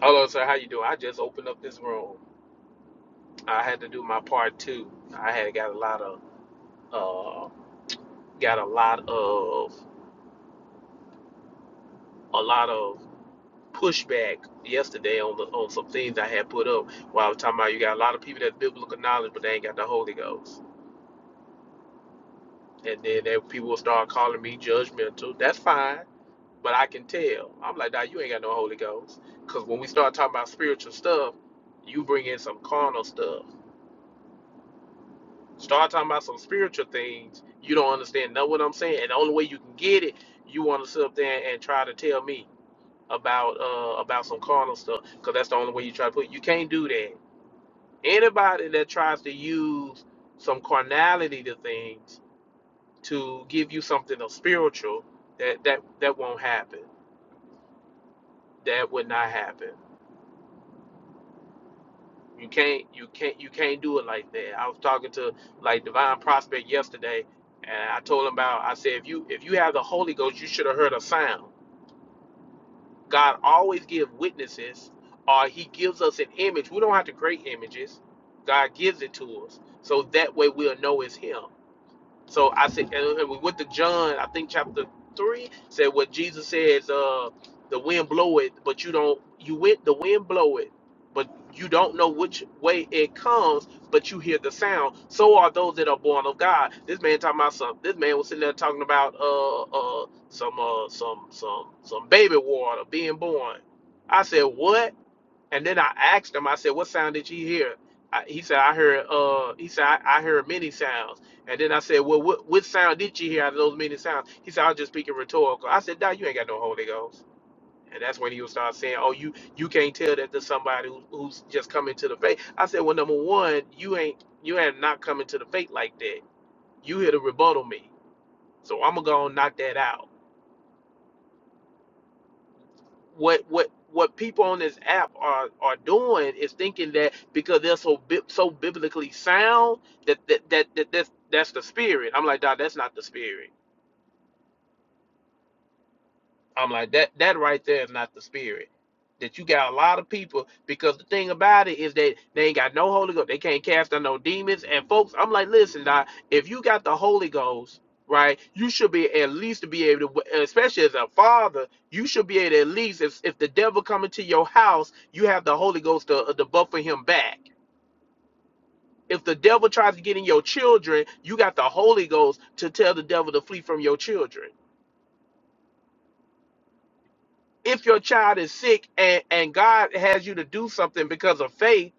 Hello, sir. How you doing? I just opened up this room. I had to do my part too. I had got a lot of uh, got a lot of a lot of pushback yesterday on the on some things I had put up. While I was talking about you got a lot of people that's biblical knowledge, but they ain't got the Holy Ghost. And then they, people will start calling me judgmental. That's fine, but I can tell. I'm like, nah, you ain't got no Holy Ghost. Cause when we start talking about spiritual stuff, you bring in some carnal stuff Start talking about some spiritual things. You don't understand. Know what I'm saying? And the only way you can get it, you want to sit up there and try to tell me about uh about some carnal stuff, because that's the only way you try to put. It. You can't do that. Anybody that tries to use some carnality to things to give you something of spiritual, that that that won't happen. That would not happen. You can't you can't you can't do it like that. I was talking to like Divine Prospect yesterday and I told him about I said if you if you have the Holy Ghost you should have heard a sound. God always gives witnesses or he gives us an image. We don't have to create images. God gives it to us. So that way we'll know it's him. So I said, and we went to John, I think chapter three said what Jesus says, uh, the wind blow it, but you don't you went the wind blow it, but you don't know which way it comes, but you hear the sound. So are those that are born of God. This man talking about something. this man was sitting there talking about uh uh some uh some some some baby water being born. I said, What? And then I asked him, I said, what sound did you hear? I, he said, I heard, uh, he said, I, I heard many sounds. And then I said, well, what, what sound did you hear out of those many sounds? He said, I was just speaking rhetorical. I said, Doc, you ain't got no Holy Ghost. And that's when he would start saying, oh, you, you can't tell that to somebody who, who's just coming to the faith. I said, well, number one, you ain't, you have not coming to the faith like that. You here to rebuttal me. So I'm going to go and knock that out. what what what people on this app are are doing is thinking that because they're so bi- so biblically sound that that that, that that's that's the spirit. I'm like, dog, that's not the spirit. I'm like that that right there is not the spirit. That you got a lot of people because the thing about it is that they ain't got no Holy Ghost. They can't cast out no demons. And folks, I'm like, listen, now, if you got the Holy Ghost, right, you should be at least to be able to, especially as a father, you should be able to at least if, if the devil come into your house, you have the Holy Ghost to, to buffer him back. If the devil tries to get in your children, you got the Holy Ghost to tell the devil to flee from your children if your child is sick and, and God has you to do something because of faith,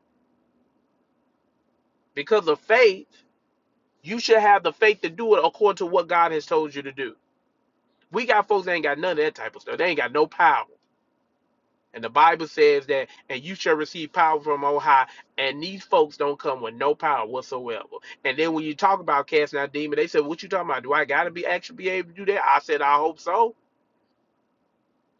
because of faith, you should have the faith to do it according to what God has told you to do. We got folks that ain't got none of that type of stuff. They ain't got no power. And the Bible says that, and you shall receive power from on high. And these folks don't come with no power whatsoever. And then when you talk about casting out demons, they said, What you talking about? Do I gotta be actually be able to do that? I said, I hope so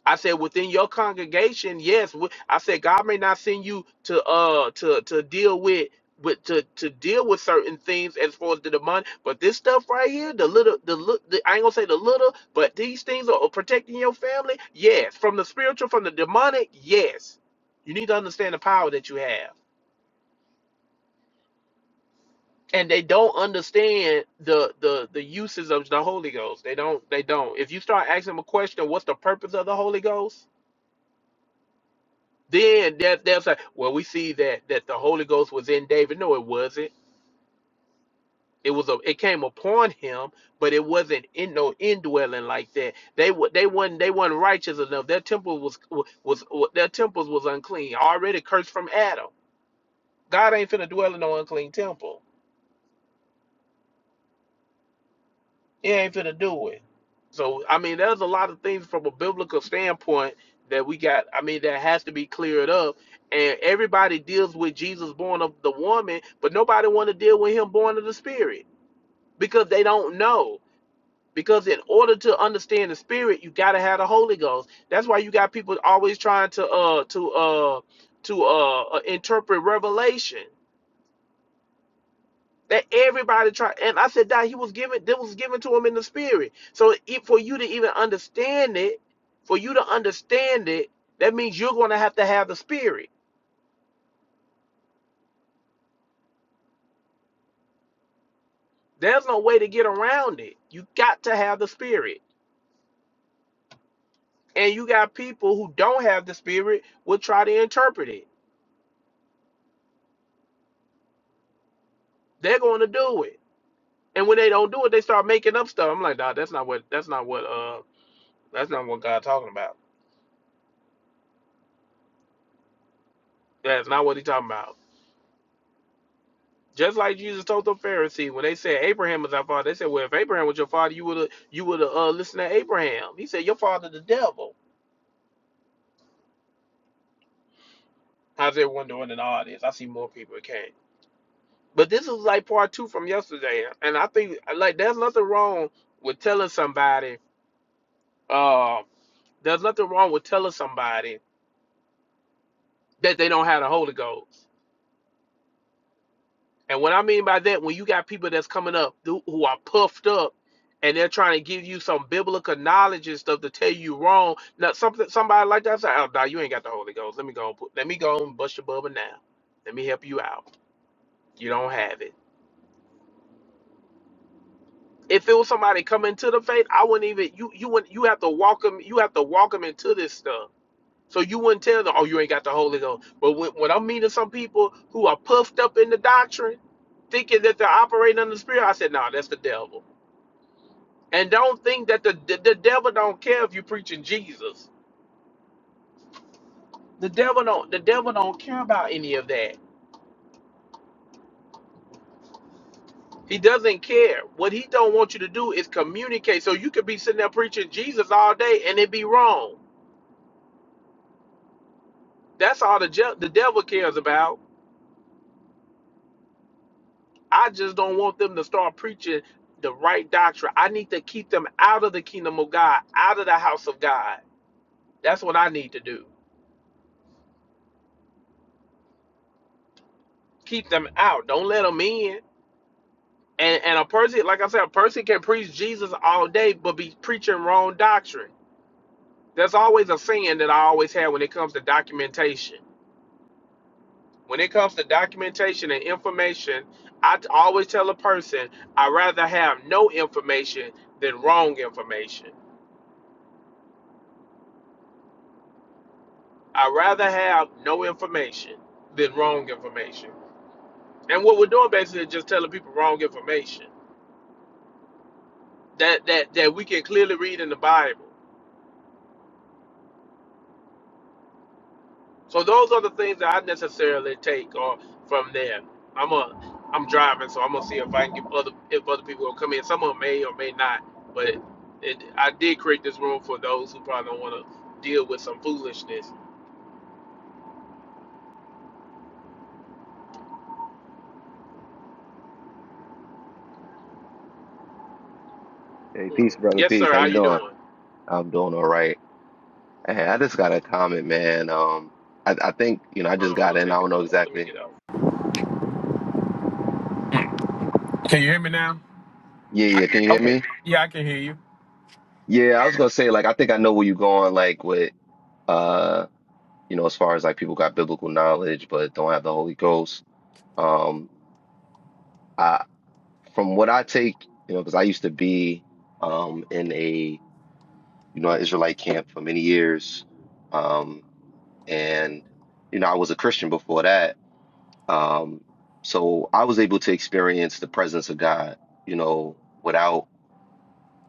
I said within your congregation, yes. wi- I said God may not send you to uh to to deal with with to to deal with certain things as far as the demon, but this stuff right here, the little the look, the, I ain't gonna say the little, but these things are protecting your family. Yes, from the spiritual, from the demonic. Yes, you need to understand the power that you have, and they don't understand the the the uses of the Holy Ghost. They don't. They don't. If you start asking them a question, what's the purpose of the Holy Ghost? Then that they'll say, well, we see that that the Holy Ghost was in David. No, it wasn't. It was a it came upon him, but it wasn't in no indwelling like that. They were they weren't they weren't righteous enough. Their temple was, was their temples was unclean, already cursed from Adam. God ain't finna dwell in no unclean temple. He ain't finna do it. So I mean, there's a lot of things from a biblical standpoint that we got. I mean, that has to be cleared up. And everybody deals with Jesus born of the woman, but nobody want to deal with him born of the spirit because they don't know. Because in order to understand the spirit, you gotta have the Holy Ghost. That's why you got people always trying to uh to uh to uh, uh interpret Revelation. That everybody try, and I said that he was given, That was given to him in the spirit. So it, for you to even understand it, for you to understand it, that means you're going to have to have the spirit. There's no way to get around it. You got to have the spirit, and you got people who don't have the spirit will try to interpret it. They're going to do it, and when they don't do it, they start making up stuff. I'm like, nah, that's not what, that's not what, uh, that's not what God's talking about. That's not what He's talking about. Just like Jesus told the Pharisees when they said Abraham was our father, they said, "Well, if Abraham was your father, you would have you would have uh, listened to Abraham." He said, "Your father, the devil." How's everyone doing in the audience? I see more people that came, but this is like part two from yesterday, and I think like there's nothing wrong with telling somebody. Uh, there's nothing wrong with telling somebody that they don't have the Holy Ghost. And what I mean by that, when you got people that's coming up who are puffed up and they're trying to give you some biblical knowledge and stuff to tell you wrong. Now something somebody like that say, Oh nah, you ain't got the Holy Ghost. Let me go and put, let me go and bust your bubble now. Let me help you out. You don't have it. If it was somebody coming to the faith, I wouldn't even you you wouldn't you have to walk them you have to walk them into this stuff. So you wouldn't tell them, oh, you ain't got the Holy Ghost. But when, when I'm meeting some people who are puffed up in the doctrine, thinking that they're operating under the Spirit, I said, no, that's the devil And don't think that the, the the devil don't care if you're preaching Jesus. The devil don't the devil don't care about any of that. He doesn't care. What he don't want you to do is communicate. So you could be sitting there preaching Jesus all day and it be wrong. That's all the je- the devil cares about. I just don't want them to start preaching the right doctrine. I need to keep them out of the kingdom of God, out of the house of God. That's what I need to do. Keep them out. Don't let them in. And and a person, like I said, a person can preach Jesus all day, but be preaching wrong doctrine. There's always a saying that I always have when it comes to documentation. When it comes to documentation and information, I t- always tell a person, I'd rather have no information than wrong information. I'd rather have no information than wrong information. And what we're doing basically is just telling people wrong information that that that we can clearly read in the Bible. So those are the things that I necessarily take or from there. I'm a I'm driving, so I'm gonna see if I can get other if other people will come in. Some of them may or may not, but it, it I did create this room for those who probably don't want to deal with some foolishness. Hey, Mm. peace, brother. Yes, Peace. sir. How How you you doing? doing? I'm doing all right. Hey, I just got a comment, man. Um, I, I think, you know, I just Hold on. Let me got in. I take. don't know Uh, let me exactly. get out. Can you hear me now? Yeah, I yeah. can. Can you hear Okay. me? Yeah, I can hear you. Yeah, I was gonna say, like, I think I know where you're going, like with uh, you know, as far as like people got biblical knowledge but don't have the Holy Ghost. Um, I from what I take, you know, because I used to be um in a you know Israelite camp for many years. Um, and you know, I was a Christian before that Um, so I was able to experience the presence of God, you know, without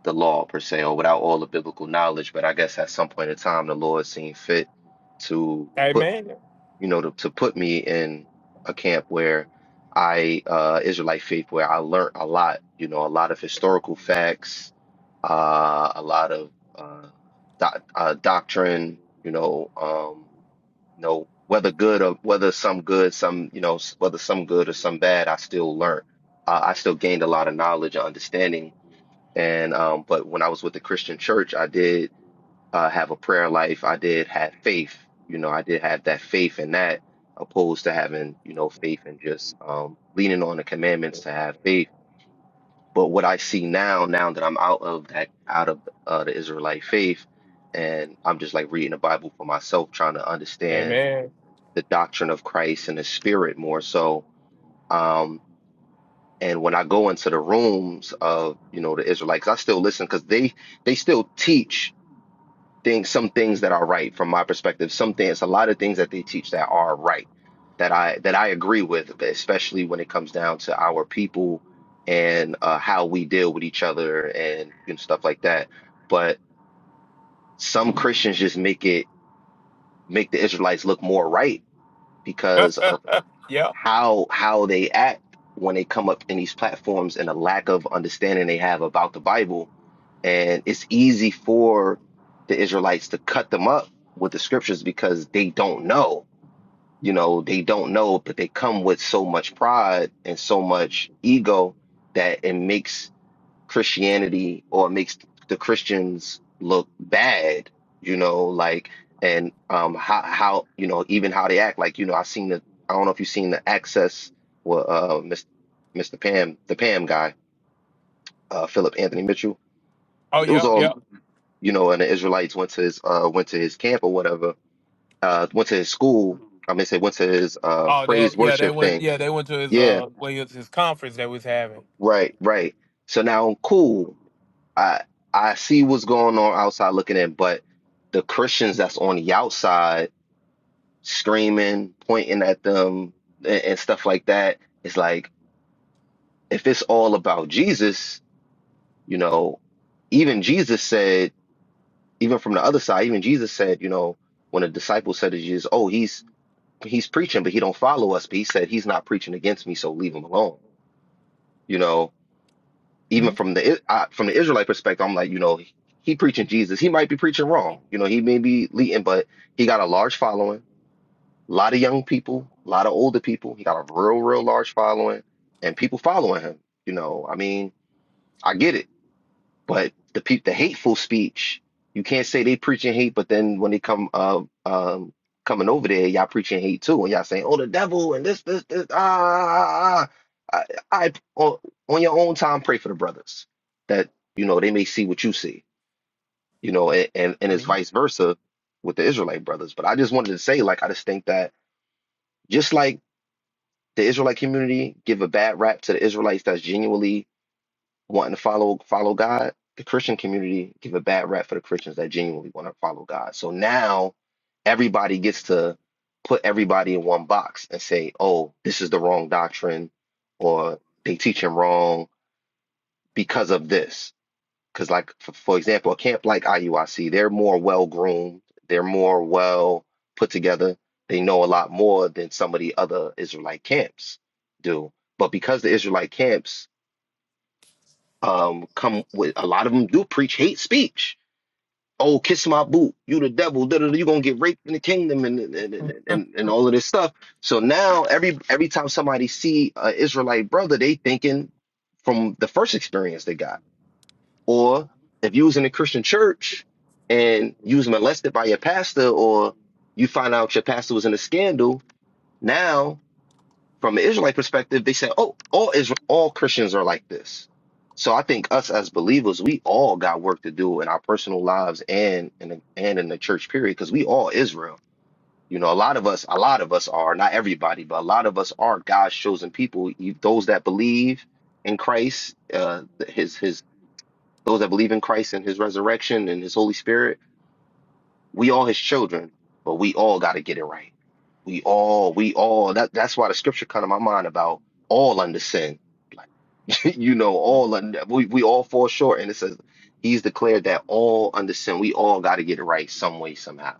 the law per se or without all the biblical knowledge. But I guess at some point in time, the Lord seemed fit to Hey, put, you know, to, to put me in a camp where I, uh, Israelite faith, where I learned a lot, you know, a lot of historical facts, uh, a lot of uh, doc uh, doctrine, you know. um, you know, whether good or whether some good, some, you know, s- whether some good or some bad, I still learned. Uh, I still gained a lot of knowledge and understanding. And, um, but when I was with the Christian church, I did, uh, have a prayer life. I did have faith. You know, I did have that faith in that, opposed to having, you know, faith and just, um, leaning on the commandments to have faith. But what I see now, now that I'm out of that, out of, uh, the Israelite faith, and I'm just like reading the Bible for myself, trying to hey understand man. the doctrine of Christ and his spirit more so. Um, and when I go into the rooms of, you know, the Israelites, I still listen because they they still teach things, some things that are right from my perspective. Some things, a lot of things that they teach that are right that I that I agree with, especially when it comes down to our people and uh, how we deal with each other and you know, stuff like that. But some Christians just make it make the Israelites look more right because. how how they act when they come up in these platforms and the lack of understanding they have about the Bible. And it's easy for the Israelites to cut them up with the scriptures because they don't know. You know, they don't know, but they come with so much pride and so much ego that it makes Christianity or it makes the Christians look bad, you know, like and um how how you know even how they act like you know I've seen the I don't know if you've seen the Access well uh Mr. Mr. Pam the Pam guy uh Philip Anthony Mitchell Oh, it was yep, all yep. you know and the Israelites went to his uh went to his camp or whatever uh went to his school I mean say went to his uh Oh, praise that. Yeah, they worship went. thing Yeah, they went to his yeah uh, well, his, his conference that we was having. right right so now cool I I see what's going on outside looking in, but the Christians that's on the outside screaming, pointing at them and, and stuff like that, it's like if it's all about Jesus, you know, even Jesus said, even from the other side, even Jesus said, you know, when a disciple said to Jesus, Oh, he's he's preaching, but he don't follow us, but he said he's not preaching against me, so leave him alone. You know, even from the I, from the Israelite perspective, I'm like, you know, he, he preaching Jesus. He might be preaching wrong. You know, he may be leading, but he got a large following, a lot of young people, a lot of older people. He got a real, real large following, and people following him. You know, I mean, I get it. But the pe- the hateful speech, you can't say they preaching hate, but then when they come uh um coming over there, y'all preaching hate too, and y'all saying, "Oh, the devil," and this this this ah. ah, ah. ah. I, I on, on your own time pray for the brothers that you know they may see what you see, you know, and and, and it's Mhm. vice versa with the Israelite brothers. But I just wanted to say, like, I just think that just like the Israelite community give a bad rap to the Israelites that's genuinely wanting to follow follow God, the Christian community give a bad rap for the Christians that genuinely want to follow God. So now everybody gets to put everybody in one box and say, "Oh, this is the wrong doctrine," or "They teach him wrong because of this." Because, like for, for example, a camp like IUIC, they're more well groomed, they're more well put together, they know a lot more than some of the other Israelite camps do. But because the Israelite camps um come with a lot of them do preach hate speech. Oh, kiss my boot, you the devil, da, da, da, you gonna get raped in the kingdom and and, and and and all of this stuff. So now every every time somebody see an Israelite brother, they thinking from the first experience they got. Or if you was in a Christian church and you was molested by your pastor, or you find out your pastor was in a scandal, now. From the Israelite perspective, they said, "Oh, all Israel, all Christians are like this." So I think us as believers, we all got work to do in our personal lives and in the, and in the church period, because we all Israel. You know, a lot of us, a lot of us are not everybody, but a lot of us are God's chosen people. You- Those that believe in Christ, uh, His His those that believe in Christ and His resurrection and His Holy Spirit we all his children, but we all got to get it right. We all, we all. That that's why the scripture come to my mind about all under sin. you know, all under we we all fall short, and it says he's declared that all under sin. We all got to get it right some way, somehow,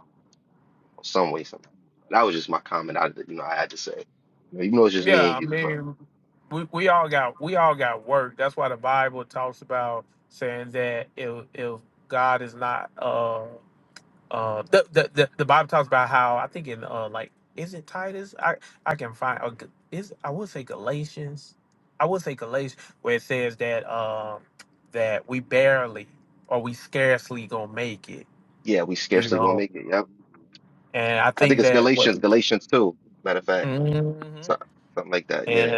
some way, somehow. That was just my comment. I you know I had to say, you know, even though it's just me Yeah, and I you, but mean, we, we all got we all got work. That's why the Bible talks about saying that if if God is not uh uh the the the, the Bible talks about how I think in uh like is it Titus I I can find or G- is I would say Galatians I would say Galatians where it says that um that we barely or we scarcely gonna make it yeah, we you scarcely gonna know make it. Yep, and I I think think it's that what Galatians, Galatians two. Matter of fact, Mhm. so- something like that. Yeah,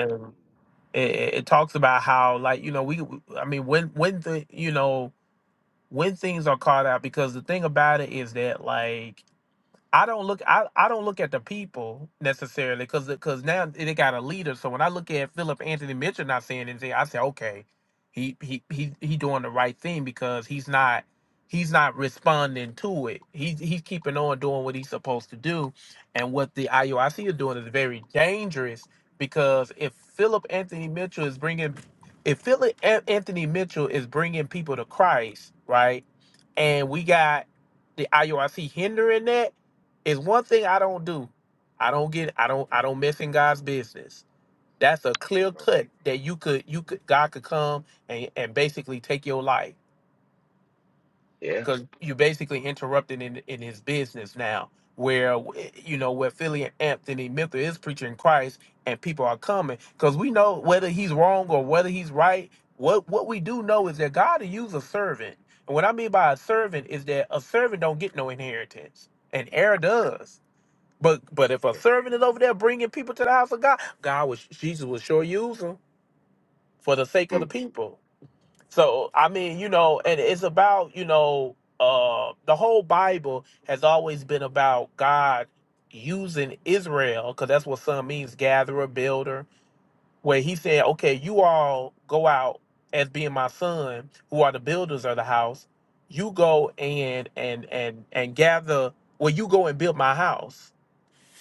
it, it it talks about how like you know we i mean when when the you know when things are caught out because the thing about it is that like I don't look I, I don't look at the people necessarily because because now they got a leader. So when I look at Philip Anthony Mitchell not saying anything, I say okay, he he he he doing the right thing because he's not he's not responding to it. He's he's keeping on doing what he's supposed to do, and what the IUIC is doing is very dangerous because if Philip Anthony Mitchell is bringing if Philip An- Anthony Mitchell is bringing people to Christ, right, and we got the IUIC hindering that it's one thing I don't do. I don't get I don't I don't mess in God's business. That's a clear cut that you could you could God could come and, and basically take your life yeah, because you're basically interrupting in in his business now. Where eh, you know where Philly and Anthony Miller is preaching Christ and people are coming because we know whether he's wrong or whether he's right. What what we do know is that God will use a servant, and what I mean by a servant is that a servant don't get no inheritance, and heir does. But but if a yeah. servant is over there bringing people to the house of God, God was Jesus will sure use them for the sake of the Mm, people. So I mean, you know, and it's about you know, uh, the whole Bible has always been about God using Israel because that's what son means, gatherer, builder. Where he said, okay, you all go out as being my son, who are the builders of the house. You go and and and and gather. Well, you go and build my house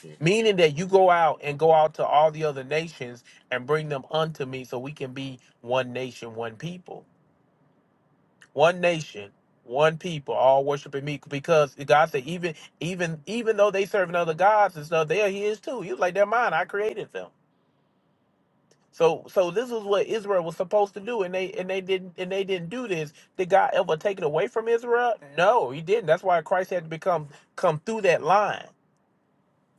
mm. meaning that you go out and go out to all the other nations and bring them unto me so we can be one nation one people one nation one people all worshiping me because god said even even even though they serving other gods and stuff they're his too he was like they're mine i created them so so this is what israel was supposed to do and they and they didn't and they didn't do this did god ever take it away from israel no he didn't that's why christ had to become come through that line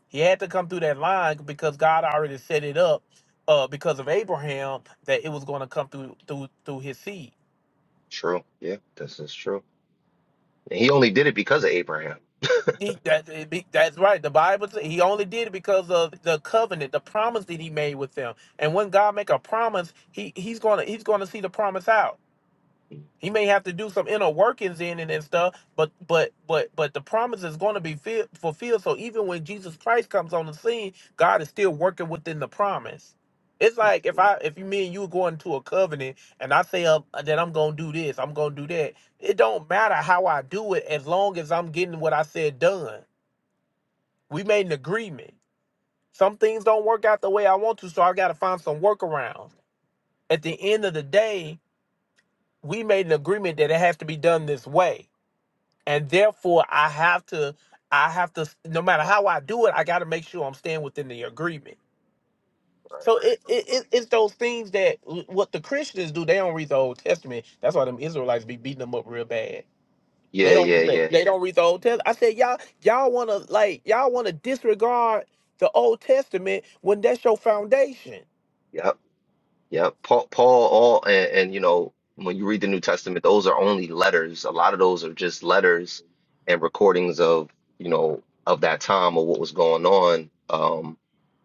He had to come through that line because God already set it up uh, because of Abraham that it was going to come through through through his seed. True. Yeah, this is true. he only did it because of Abraham. He, that, it be- that's right. The Bible says he only did it because of the covenant, the promise that he made with them. And when God make a promise, he he's gonna he's gonna see the promise out. He Mhm. may have to do some inner workings in it and stuff, but but but but the promise is going to be fi- fulfilled. So even when Jesus Christ comes on the scene, God is still working within the promise. It's like if I if you me and you go into a covenant and I say up that I'm gonna do this, I'm gonna do that. It don't matter how I do it as long as I'm getting what I said done. We made an agreement. Some things don't work out the way I want to, so I gotta find some workarounds. At the end of the day, we made an agreement that it has to be done this way and therefore I have to I have to no matter how I do it, I got to make sure I'm staying within the agreement. Right. So it, it, it it's those things that what the Christians do. They don't read the Old Testament. That's why them Israelites be beating them up real bad. They Yeah, don't yeah, yeah. they don't read the Old Testament. I said y'all y'all want to like y'all want to disregard the Old Testament when that's your foundation. Yep. Yep. Paul, Paul, all, and, and you know, when you read the New Testament, those are only letters. A lot of those are just letters and recordings of, you know, of that time or what was going on, um,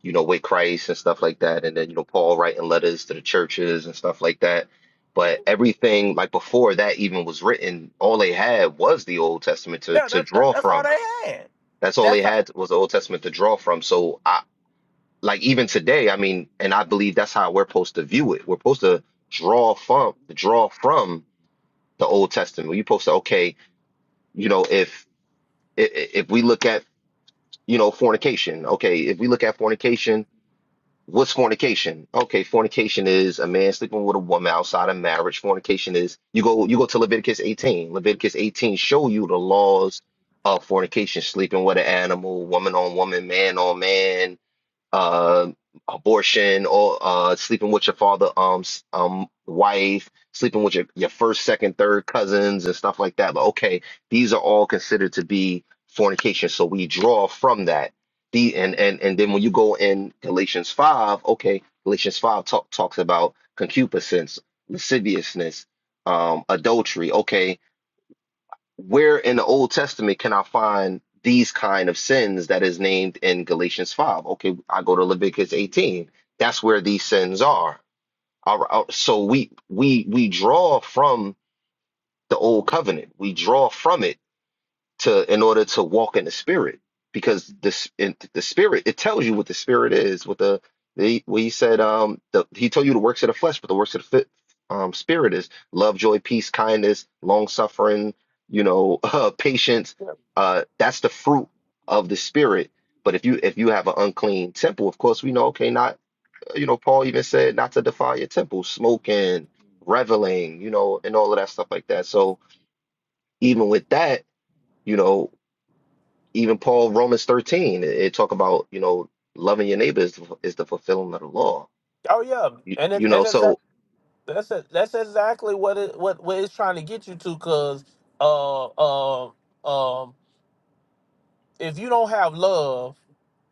you know, with Christ and stuff like that. And then, you know, Paul writing letters to the churches and stuff like that. But everything like before that even was written, all they had was the Old Testament to Yeah, to that, that, draw that's from. all they had. That's all they That's all, had was the Old Testament to draw from. So I like even today, I mean, and I believe that's how we're supposed to view it. We're supposed to draw from draw from the Old Testament. You're supposed to, okay, you know, if i- i- if we look at, you know, fornication, okay, if we look at fornication, what's fornication? Okay, fornication is a man sleeping with a woman outside of marriage. Fornication is you go you go to Leviticus 18. Leviticus 18 show you the laws of fornication, sleeping with an animal, woman on woman, man on man uh, abortion or uh, sleeping with your father, um, s- um, wife, sleeping with your, your first, second, third cousins and stuff like that. But okay, these are all considered to be fornication. So we draw from that. The and and and then when you go in Galatians five, okay, Galatians five talk, talks about concupiscence, lasciviousness, um, adultery. Okay, where in the Old Testament can I find these kind of sins that is named in Galatians 5? Okay, I go to Leviticus 18. That's where these sins are. All right, all- right, so we we we draw from the old covenant. We draw from it to in order to walk in the spirit because this in the spirit it tells you what the spirit is what the the what he said um the, he told you the works of the flesh but the works of the fit, um spirit is love joy peace kindness long suffering you know uh, patience uh that's the fruit of the spirit but if you if you have an unclean temple of course we know okay not uh, you know Paul even said not to defile your temple smoking reveling you know and all of that stuff like that so even with that you know even Paul, Romans 13, it, it talk about, you know, loving your neighbor is, the- is the fulfilling of the law. oh yeah, You, and you know, it's, so That's it. That's exactly what it what what it's trying to get you to, cause uh um um if you don't have love,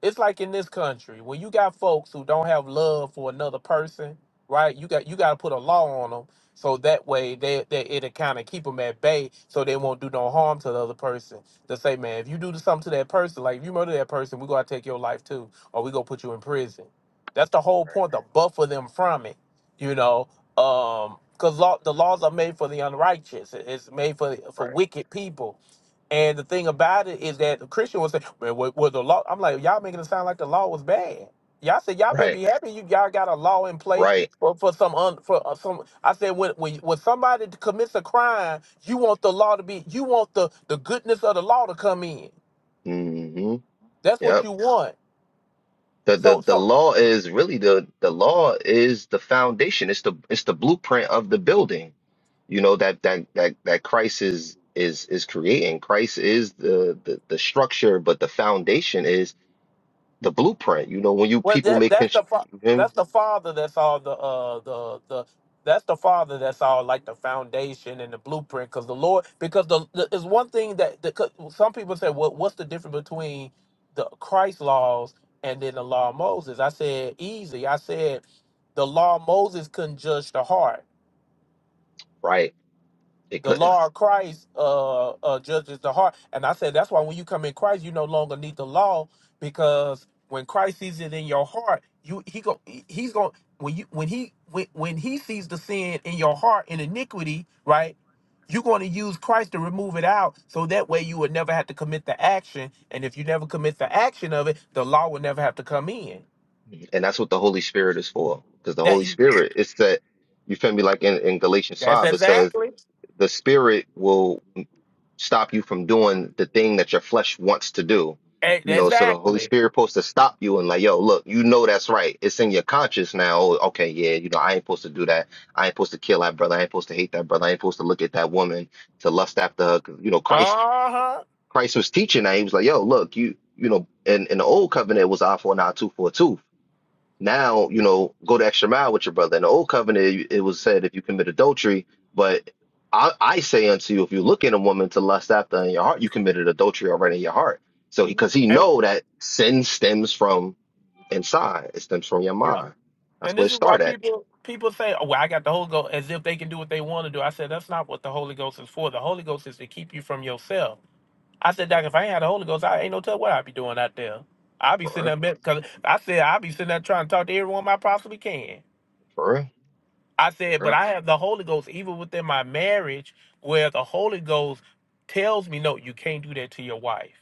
it's like in this country when you got folks who don't have love for another person, right? You got you got to put a law on them so that way they, they it'll kind of keep them at bay so they won't do no harm to the other person. To say, man, if you do something to that person, like if you murder that person, we gonna take your life too, or we gonna put you in prison. That's the whole point to buffer them from it, you know. Um, because law, the laws are made for the unrighteous. It- It's made for for right, wicked people and the thing about it is that the Christian was saying, "Well, was, was the law?" I'm like, "Y'all making it sound like the law was bad." Y'all said y'all better right, be happy you y'all got a law in place right. for, for some un, for uh, some. I said when, when when somebody commits a crime, you want the law to be you want the the goodness of the law to come in. Mm-hmm. That's what Yep. you want. The, the So the so law is really the the law is the foundation. It's the it's the blueprint of the building. You know that that that that Christ is is is creating. Christ is the the, the structure, but the foundation is the blueprint. You know when you Well, people that make that's constru- the fa- you feel me? that's the father. That's all the uh the the that's the father. That's all like the foundation and the blueprint. Because the Lord, because the, the is one thing that the, 'cause some people say, what what's the difference between the Christ laws and then the law of Moses? I said easy. I said the law of Moses couldn't judge the heart right, they the couldn't. law of Christ uh, uh, judges the heart. And I said that's why when you come in Christ, you no longer need the law because when Christ sees it in your heart, you he go he's going when you when he when, when he sees the sin in your heart and iniquity, right? You're going to use Christ to remove it out, so that way you would never have to commit the action. And if you never commit the action of it, the law would never have to come in. And that's what the Holy Spirit is for. Because the That Holy you, Spirit, it's that, you feel me? Like in, in Galatians that's 5, it says, exactly the Spirit will stop you from doing the thing that your flesh wants to do. e- You know, so the Holy exactly. Spirit supposed to stop you and like, yo, look, you know that's right. It's in your conscience now. Oh, okay, yeah, you know, I ain't supposed to do that. I ain't supposed to kill that brother. I ain't supposed to hate that brother. I ain't supposed to look at that woman to lust after her. 'Cause, You know, Uh Christ, huh. Christ was teaching that. He was like, yo, look, you, you know, in, in the old covenant it was eye for an eye, tooth for a tooth. Now, you know, go the extra mile with your brother. In the old covenant, it was said if you commit adultery, but I, I say unto you, if you look in a woman to lust after in your heart, you committed adultery already in your heart. So, because he 'cause he And know that sin stems from inside, it stems from your yeah. mind. That's And where this it is why start at. people people say, "Oh, well, I got the Holy Ghost," as if they can do what they want to do. I said that's not what the Holy Ghost is for. The Holy Ghost is to keep you from yourself. I said, Doc, if I ain't had the Holy Ghost, I ain't no tell what I'd be doing out there. I'd be For real, sitting there because I said I'd be sitting there trying to talk to everyone I possibly can. for real, I for said, but real. I have the Holy Ghost even within my marriage, where the Holy Ghost tells me, "No, you can't do that to your wife."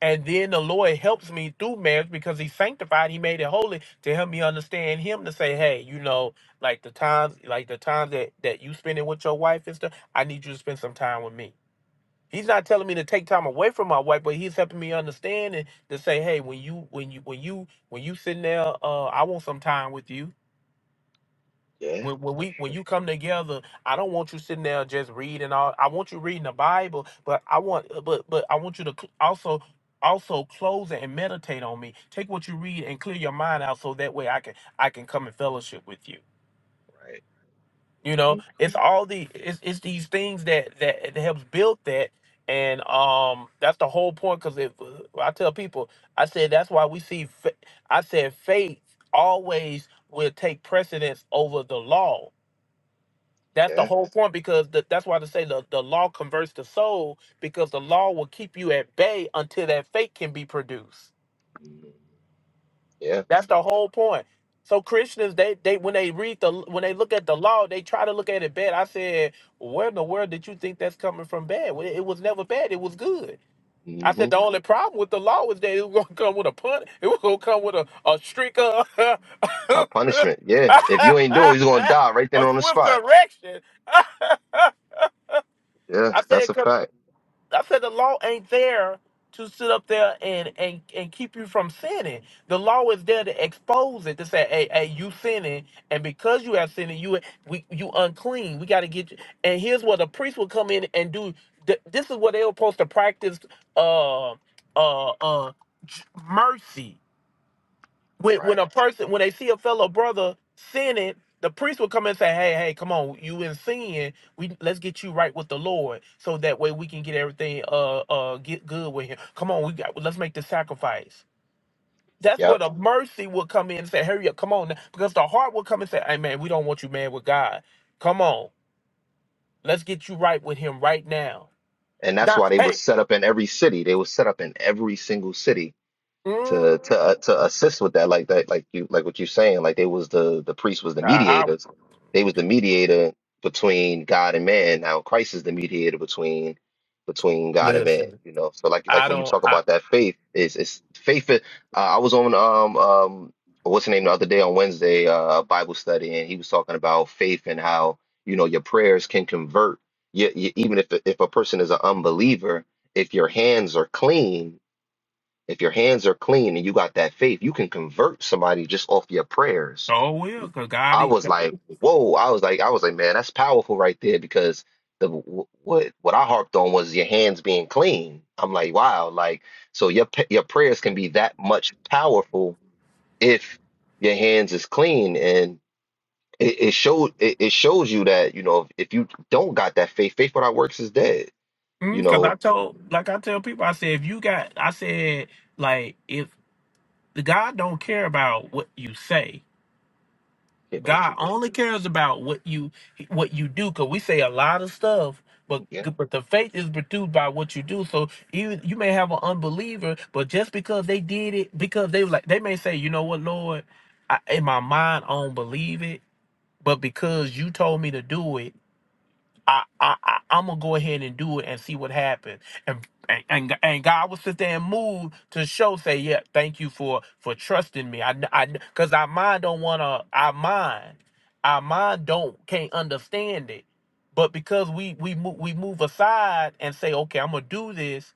And then the Lord helps me through marriage because He sanctified, He made it holy to help me understand Him to say, hey, you know, like the times, like the times that that you spending with your wife and stuff, I need you to spend some time with me. He's not telling me to take time away from my wife, but he's helping me understand and to say, hey, when you when you when you when you sitting there, uh, I want some time with you. Yeah, When, when that's we when true. you come together, I don't want you sitting there just reading all. I want you reading the Bible, but I want uh, but but I want you to cl- also also close it and meditate on me. Take what you read and clear your mind out, so that way I can I can come and fellowship with you. Right. You know, Mhm. it's all the it's it's these things that that, that helps build that, and um that's the whole point. Because if uh, I tell people, I said that's why we see. fa- I said faith always will take precedence over the law that's the Yeah. whole point because the, that's why they say the, the law converts the soul because the law will keep you at bay until that faith can be produced. Mhm. Yeah. That's the whole point. So Christians, they they when they read the when they look at the law, they try to look at it bad. I said, where in the world did you think that's coming from bad? Well, it was never bad. It was good. I said Mm-hmm. the only problem with the law was that it was gonna come with a pun. It was gonna come with a a streak of a A punishment. Yeah. If you ain't do it, he's gonna die right then on the swift spot. correction. Yeah, I that's said a 'cause fact. I said the law ain't there to sit up there and and and keep you from sinning. The law is there to expose it to say, hey, hey, you sinning, and because you have sinning, you we you unclean. We got to get you. And here's what the priest will come in and do. Th- This is what they were supposed to practice. Uh, uh, uh, j- mercy when when a Right. person when they see a fellow brother sinning, the priest will come and say, "Hey, hey, come on, you in sin. We let's get you right with the Lord, so that way we can get everything uh uh get good with Him. Come on, we got let's make the sacrifice." That's Yep. what a mercy will come in and say, "Hurry up, come on," now," because the heart will come and say, "Hey, man, we don't want you mad with God. Come on, let's get you right with Him right now." And that's Now, why they was hey, set up in every city. They was set up in every single city mm, to to uh, to assist with that like that like you like what you're saying like they was the the priest was the I, I- mediators they was the mediator between God and man now Christ is the mediator between between God and man listen. you know so like like I when you don't. talk I about that faith is it's it's faith is- uh, I was on um um what's the name the other day on Wednesday uh Bible study and he was talking about faith and how you know your prayers can convert you, you, even if if a person is an unbeliever if your hands are clean if your hands are clean and you got that faith, you can convert somebody just off your prayers. oh will, cause God. I was like, whoa, I was like, I was like, man, that's powerful right there because the what what I harped on was your hands being clean. I'm like, wow, like so your p- your prayers can be that much powerful if your hands is clean and it, it showed it, it shows you that you know if, you don't got that faith, faith without works is dead. You Because I know, told, like I tell people, I said, if you got, I said, like, if God don't care about what you say, care about what God you do. only cares about what you what you do. Because we say a lot of stuff, but Yeah, but the faith is produced by what you do. So even you may have an unbeliever, but just because they did it, because they were like, they may say, you know what, Lord, I, in my mind, I don't believe it, but because you told me to do it. I, I, I I'm gonna go ahead and do it and see what happens. And and and, and God will sit there and move to show, say, yeah, thank you for for trusting me. I, I, because our mind don't wanna, our mind, our mind don't can't understand it. But because we we move we move aside and say, okay, I'm gonna do this,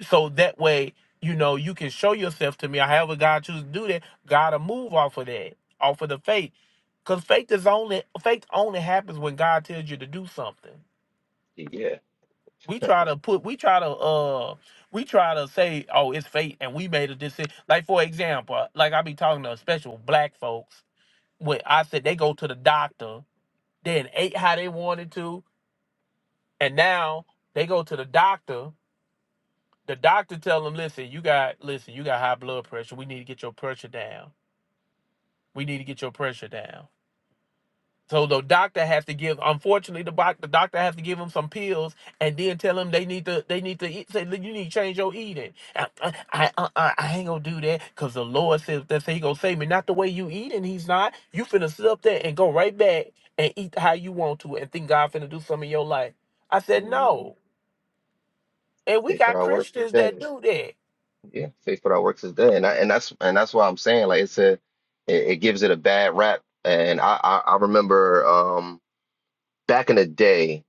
so that way, you know, you can show yourself to me. Or however God chooses to do that, God will move off of that, off of the faith. Cause faith is only faith only happens when God tells you to do something. yeah. We try to put we try to uh we try to say, oh, it's fate and we made a decision. Like for example, uh, like I be talking to special black folks when I said they go to the doctor, then ate how they wanted to, and now they go to the doctor. The doctor tell them, listen, you got listen, you got high blood pressure. We need to get your pressure down. We need to get your pressure down. So the doctor has to give. Unfortunately, the, doc- the doctor has to give him some pills and then tell him they need to. They need to eat, say, "Look, you need to change your eating. I I, I, I- I ain't gonna do that because the Lord says that's He gonna save me. Not the way you eating. He's not. You finna sit up there and go right back and eat how you want to and think God finna do something in your life. I said hmm no, and we Faith got without works is Christians that dead. do that. Yeah, faith without works is dead, and I, and that's and that's why I'm saying like it's a it, it gives it a bad rap, and I, I I remember um back in the day,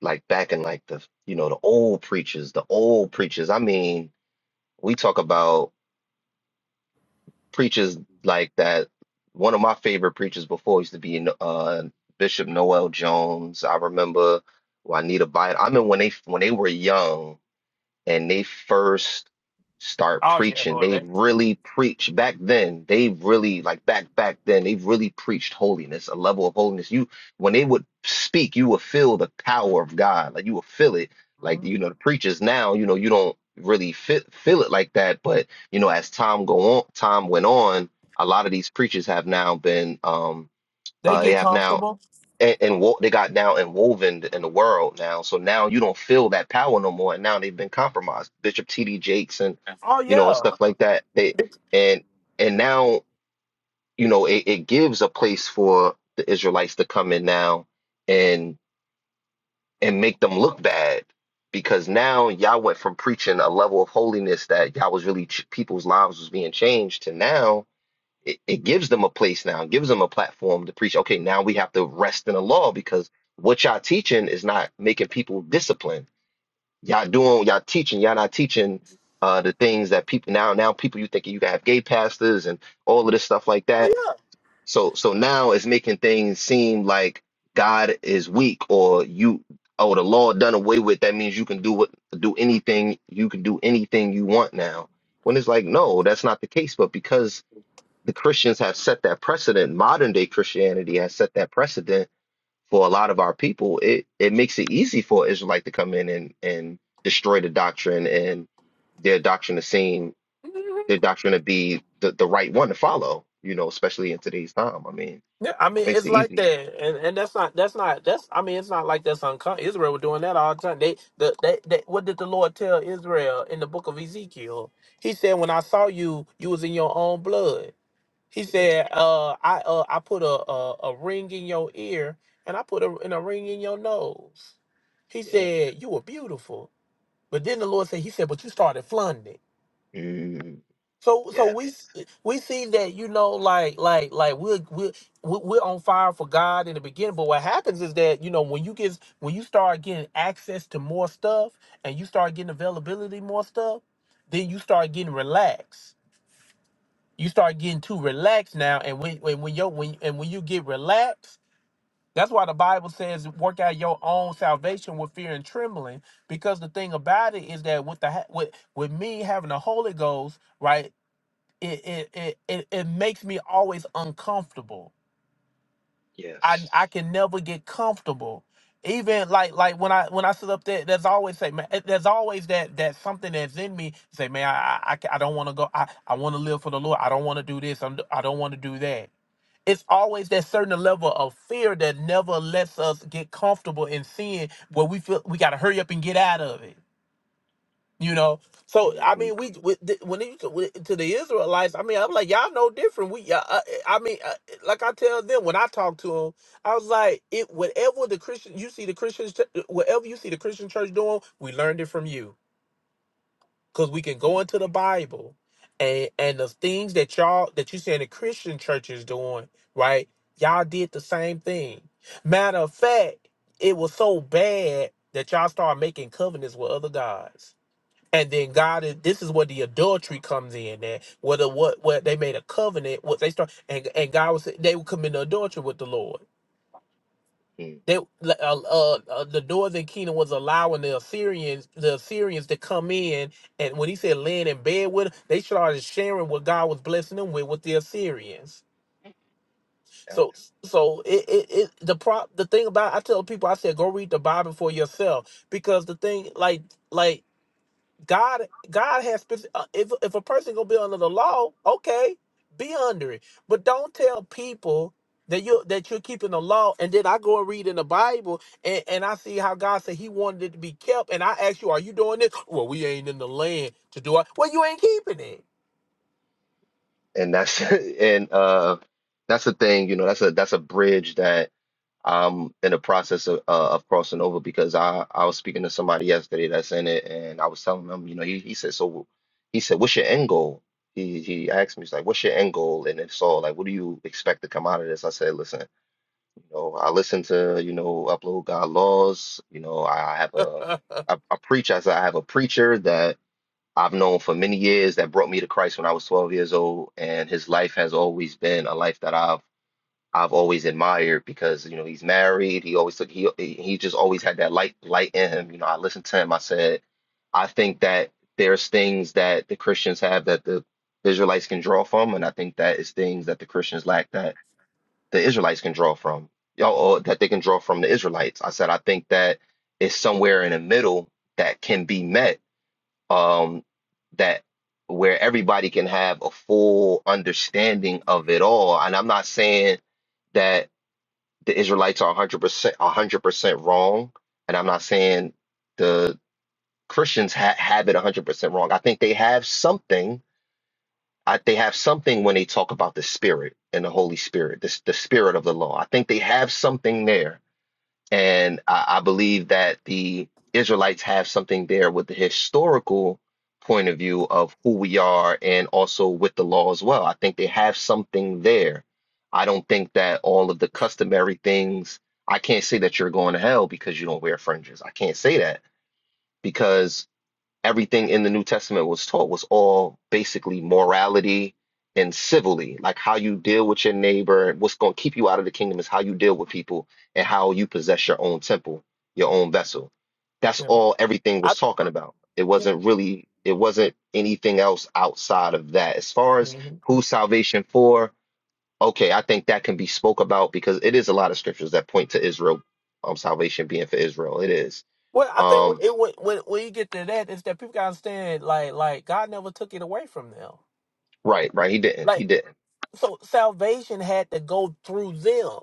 like back in like the you know the old preachers, the old preachers. I mean, we talk about preachers like that. One of my favorite preachers before used to be uh Bishop Noel Jones. I remember Juanita Bynum. I mean when they when they were young. and they first start Oh yeah, preaching, Lord, they they really preach back then. They really like back back then. They really preached holiness, a level of holiness. You when they would speak, you would feel the power of God. Like you would feel it. Like Mhm. you know, the preachers now, you know, you don't really fit, feel it like that. But you know, as time go on, time went on, a lot of these preachers have now been um they uh they get have now comfortable. and, and wo- they got now and woven in the world now. So now you don't feel that power no more. And now they've been compromised. Bishop T.D. Jakes and Oh you know and yeah. stuff like that. They and and now you know it, it gives a place for the Israelites to come in now and and make them look bad because now y'all went from preaching a level of holiness that y'all was really ch- people's lives was being changed to now it, it gives them a place now, gives them a platform to preach. Okay, now we have to rest in the law because what y'all teaching is not making people disciplined. Y'all doing, y'all teaching, y'all not teaching uh, the things that people now, now people you thinking you can have gay pastors and all of this stuff like that. So, so now it's making things seem like God is weak or you, oh, the law done away with. That means you can do what, do anything, you can do anything you want now. When it's like, no, that's not the case. But because the Christians have set that precedent. Modern day Christianity has set that precedent for a lot of our people. It it makes it easy for an Israelite to come in and and destroy the doctrine and their doctrine to seem their doctrine to be the, the right one to follow. You know, especially in today's time. I mean, Yeah, I mean it makes it's it like easy. that, and and that's not that's not that's I mean it's not like that's uncommon. Israel were doing that all the time. They the they, they what did the Lord tell Israel in the book of Ezekiel? He said, "When I saw you, you was in your own blood." He Mm, said, "Uh, I uh I put a a, a ring in your ear, and I put a and a ring in your nose." He Yeah. said, "You were beautiful," but then the Lord said, "He said, but you started flaunting." Mm, So so yeah. we s- we see that you know like like like we're we're we're we're on fire for God in the beginning, but what happens is that you know when you get when you start getting access to more stuff and you start getting availability to more stuff, then you start getting relaxed. You start getting too relaxed now, and when when when you when and when you get relaxed, that's why the Bible says work out your own salvation with fear and trembling, because the thing about it is that with the ha- with with me having the Holy Ghost, right? it it it it, it makes me always uncomfortable. I Yes. I can never get comfortable. Even like like when I when I sit up there, there's always say man, eh, there's always that that something that's in me say man I I, I ca- I don't want to go I I want to live for the Lord I don't want to do this I'm, d- I don't want to do that. It's always that certain level of fear that never lets us get comfortable in sin where we feel we got to hurry up and get out of it you know, so I Mhm, mean, we with the, when it with, to the Israelites, I mean, I'm like, y'all know different. We, uh, uh, eh, I mean, uh, eh, like I tell them when I talk to them, I was like, it whatever the Christian you see the Christians, ch- eh, whatever you see the Christian church doing, we learned it from you because we can go mm, into the Bible and and the things that y'all that you see in the Christian church is doing, right? Y'all did the same thing. Matter of fact, it was so bad that y'all started making covenants with other gods. And then God is this is where the adultery comes in that whether what what they made a covenant, what they start and and God was they would commit adultery with the Lord. mm, They uh, uh, uh, the northern kingdom was allowing the Assyrians the Assyrians to come in and when he said laying in bed with them, they started sharing what God was blessing them with with the Assyrians. yeah. So so it, it, it the prop the thing about I tell people I said go read the Bible for yourself because the thing like like God, God has speci- uh, if if a person gonna be under the law, okay, be under it. But don't tell people that you that you're keeping the law, and then I go and read in the Bible, and, and I see how God said He wanted it to be kept, and I ask you, are you doing this? Well, we ain't in the land to do it. Well, you ain't keeping it. And that's and uh that's the thing. You know, that's a that's a bridge that I'm in the process of, uh, of crossing over because I, I was speaking to somebody yesterday that's in it, and I was telling him, you know, he, he said, so he said, what's your end goal? He he asked me, he's like, what's your end goal? And it's all like, what do you expect to come out of this? I said, listen, you know, I listen to, you know, upload God laws. You know, I, I have a, I, I preach. I said, I have a preacher that I've known for many years that brought me to Christ when I was 12 years old, and his life has always been a life that I've I've always admired because you know he's married. He always took he he just always had that light light in him. You know, I listened to him. I said, I think that there's things that the Christians have that the Israelites can draw from, and I think that is things that the Christians lack that the Israelites can draw from. Y'all, or that they can draw from the Israelites. I said, I think that it's somewhere in the middle that can be met. Um, that where everybody can have a full understanding of it all. And I'm not saying that the Israelites are 100% 100% wrong, and I'm not saying the Christians ha- have it 100% wrong. I think they have something. I, they have something when they talk about the Spirit and the Holy Spirit, this the Spirit of the law. I think they have something there and I, I believe that the Israelites have something there with the historical point of view of who we are and also with the law as well. I think they have something there. I don't think that all of the customary things, I can't say that you're going to hell because you don't wear fringes. I can't say that because everything in the New Testament was taught was all basically morality and civilly, like how you deal with your neighbor. What's going to keep you out of the kingdom is how you deal with people and how you possess your own temple, your own vessel. That's yeah, all everything I. was talking about. It Yeah. wasn't really, it wasn't anything else outside of that. As far as mhm. who's salvation for, okay, I think that can be spoke about because it is a lot of scriptures that point to Israel, um, salvation being for Israel. It is. Well, I think Um, it when when when you get to that is that people gotta understand like like God never took it away from them. right, right. He didn't. like. He didn't. so salvation had to go through them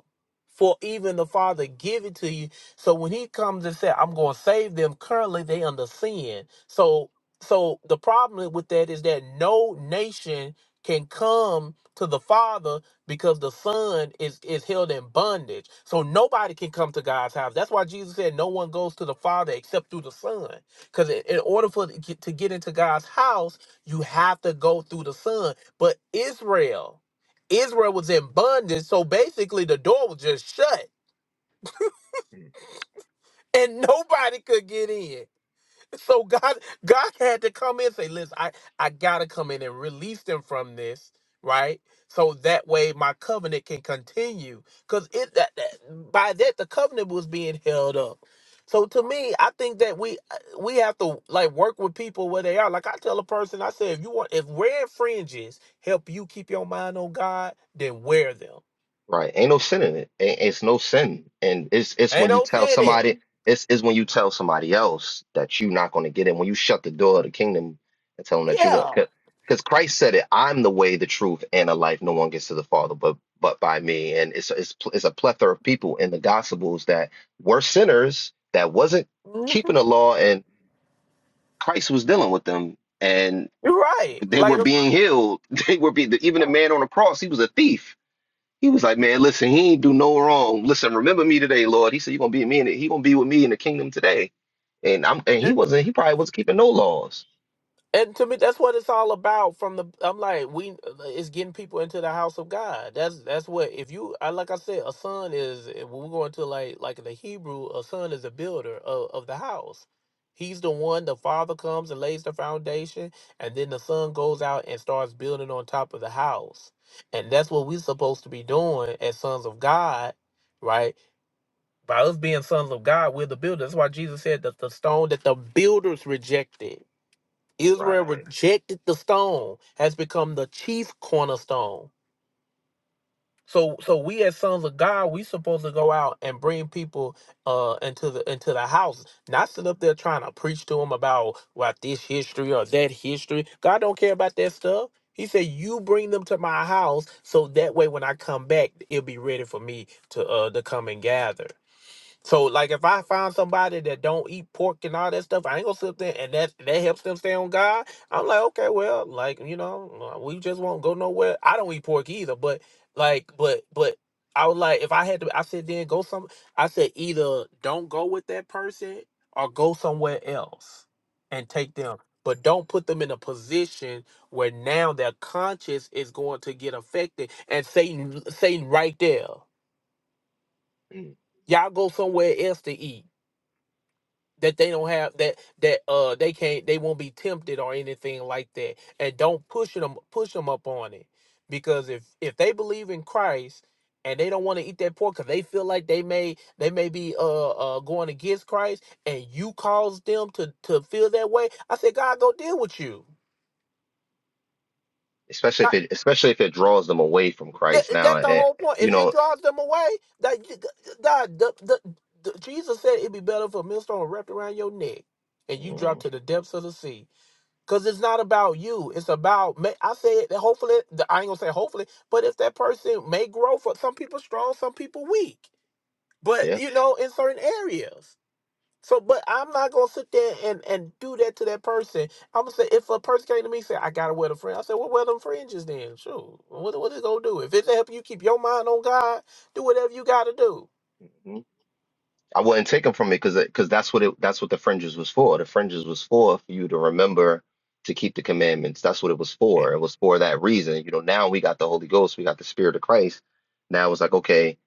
for even the father give it to you so when he comes and says, i'm going to save them currently they under sin so so the problem with that is that no nation can come to the father because the son is is held in bondage so nobody can come to god's house that's why jesus said no one goes to the father except through the son because in in order for to get to get into god's house you have to go through the son but israel Israel was in bondage, so basically the door was just shut and nobody could get in. So God God had to come in and say, listen, I, I gotta come in and release them from this, right? So that way my covenant can continue. Cause it that, that by that the covenant was being held up. So to me, I think that we uh, we have to like work with people where they are. Like I tell a person, I say if you want if wearing fringes help you keep your mind on God, then wear them. Right. Ain't no sin in it. Ain't, it's no sin. And it's it's Ain't when you no tell sin in it. somebody it's it's when you tell somebody else that you're not going to get in. When you shut the door of the kingdom and tell them that you got Yeah, because Christ said it, I'm the way, the truth, and the life. No one gets to the Father but but by me. And it's it's pl- it's a plethora of people in the gospels that were sinners that wasn't Mhm. keeping the law and Christ was dealing with them and you're right. they were Like, being healed. They were being even the man on the cross, he was a thief he was like, man, listen, he ain't do no wrong. Listen, remember me today, Lord. He said, you're gonna be me in it. He gonna be with me in the kingdom today. And I'm and he and, wasn't. He probably wasn't keeping no laws. and to me, that's what it's all about. From the, I'm like, we, it's getting people into the house of God. That's that's what. If you, I like I said, a son is when we go into like like the Hebrew, a son is a builder of, of the house. He's the one. The father comes and lays the foundation, and then the son goes out and starts building on top of the house. And that's what we're supposed to be doing as sons of God, right? By us being sons of God, we're the builders. That's why Jesus said that the stone that the builders rejected, Israel Right. rejected the stone, has become the chief cornerstone. So, so we as sons of God, we supposed to go out and bring people uh into the into the house, not sit up there trying to preach to them about what this history or that history. God don't care about that stuff. He said, "You bring them to my house, so that way when I come back, it'll be ready for me to uh to come and gather." So like if I find somebody that don't eat pork and all that stuff, I ain't gonna sit there and that that helps them stay on God. I'm like, okay, well, like, you know, uh, we just won't go nowhere. I don't eat pork either, but like but but I was like if I had to I said then go some I said either don't go with that person or go somewhere else and take them. But don't put them in a position where now their conscience is going to get affected and Satan Satan right there. Mm. Y'all go somewhere else to eat that they don't have that that uh they can't they won't be tempted or anything like that and don't push them push them up on it because if if they believe in christ and they don't want to eat that pork because they feel like they may they may be uh uh going against christ and you cause them to to feel that way i said god go deal with you Especially if God- it, especially if it draws them away from that, Christ. Now, that's the eh, whole point you if it know. draws them away that god the, the, the jesus said it'd be better for a millstone wrapped around your neck and you drop mhm, to the depths of the sea Cause it's not about you. It's about ma- I say it. Hopefully, the- I ain't gonna say hopefully, but if that person may grow for some people strong, some people weak. But Yeah. you know, in certain areas. So, but I'm not gonna sit there and and do that to that person. I'm gonna say if a person came to me and say I gotta wear the fringe, I said, well, wear them fringes then. Sure. What what it gonna do? If it's helping you keep your mind on God, do whatever you gotta do. I wouldn't take them from me, because because that's what it that's what the fringes was for. The fringes was for for you to remember to keep the commandments. That's what it was for. It was for that reason. You know, now we got the Holy Ghost, we got the Spirit of Christ. Now it's like, okay,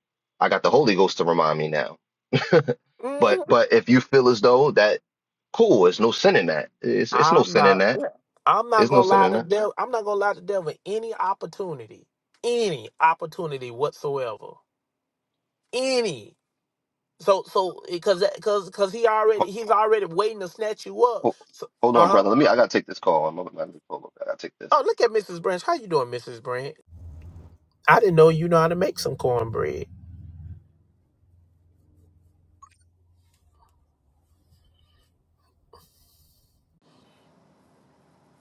I got the Holy Ghost to remind me now. But Mhm. but if you feel as though that cool, it's no sin in that. It's it's no I'm sin not. in that. I'm not It's no gonna sin lie in to that. devil. I'm not gonna lie to devil. Any opportunity, any opportunity whatsoever, any. So so because because because he already Ho- he's already waiting to snatch you up. ho- So, Hold uh on, huh. brother. Let me. I gotta take this call. I'm gonna I gotta take this. Oh look at Mrs. Branch. How you doing, Mrs. Branch? I didn't know you know how to make some cornbread.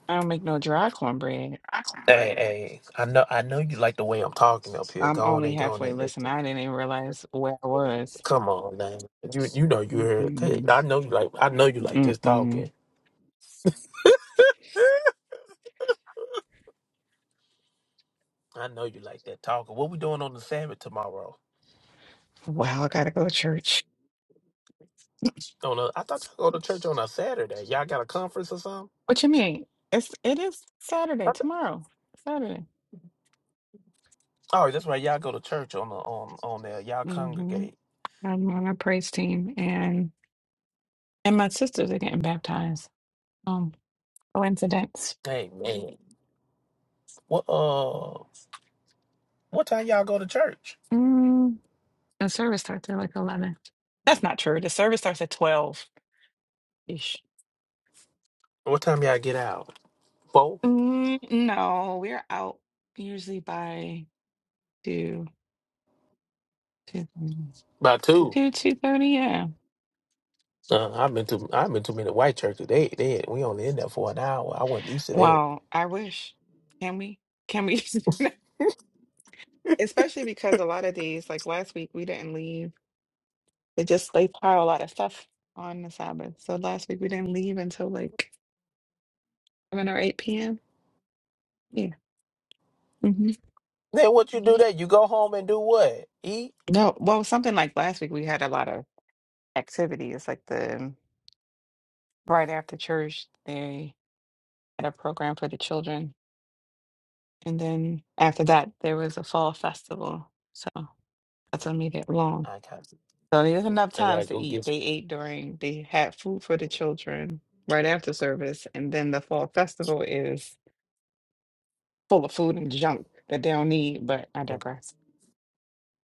I don't make no dry cornbread. Hey hey. I know I know you like the way I'm talking up here. I'm Go on only and go on halfway and admit Listen, it. I didn't even realize where I was. Come on, man. You you know you heard. it. Mm-mm. I know you like I know you like this Mm-mm. talking. I know you like that talking. What we doing on the Sabbath tomorrow? Wow, I gotta go to church. On a, I thought y'all go to church on a Saturday. Y'all got a conference or something? What you mean? It's it is I Saturday th- tomorrow. Saturday. Oh, that's right. Y'all go to church on the on on there. Y'all hmm congregate. I'm on a praise team, and and my sisters are getting baptized. Um, coincidence. Hey man, what uh, what time y'all go to church? Mm, the service starts at like eleven. That's not true. The service starts at twelve ish. What time y'all get out? Four Mm, no, we're out usually by two. Two thirty. by two. Two two thirty. Yeah. Uh, I've been to I've been to many white churches. They they we only in there for an hour. I wasn't used to that. Wow. I wish. Can we? Can we? Especially because a lot of days, like last week, we didn't leave. They just they pile a lot of stuff on the Sabbath. So last week we didn't leave until like seven or eight p.m. Yeah. hmm Then what you do that? You go home and do what? Eat. No. Well, something like last week we had a lot of activities. Like the right after church, they had a program for the children, and then after that there was a fall festival. So that's immediate long. I got So there's enough I gotta times to go eat. get. They ate during, they had food for the children right after service. And then the fall festival is full of food and junk that they don't need, but I digress.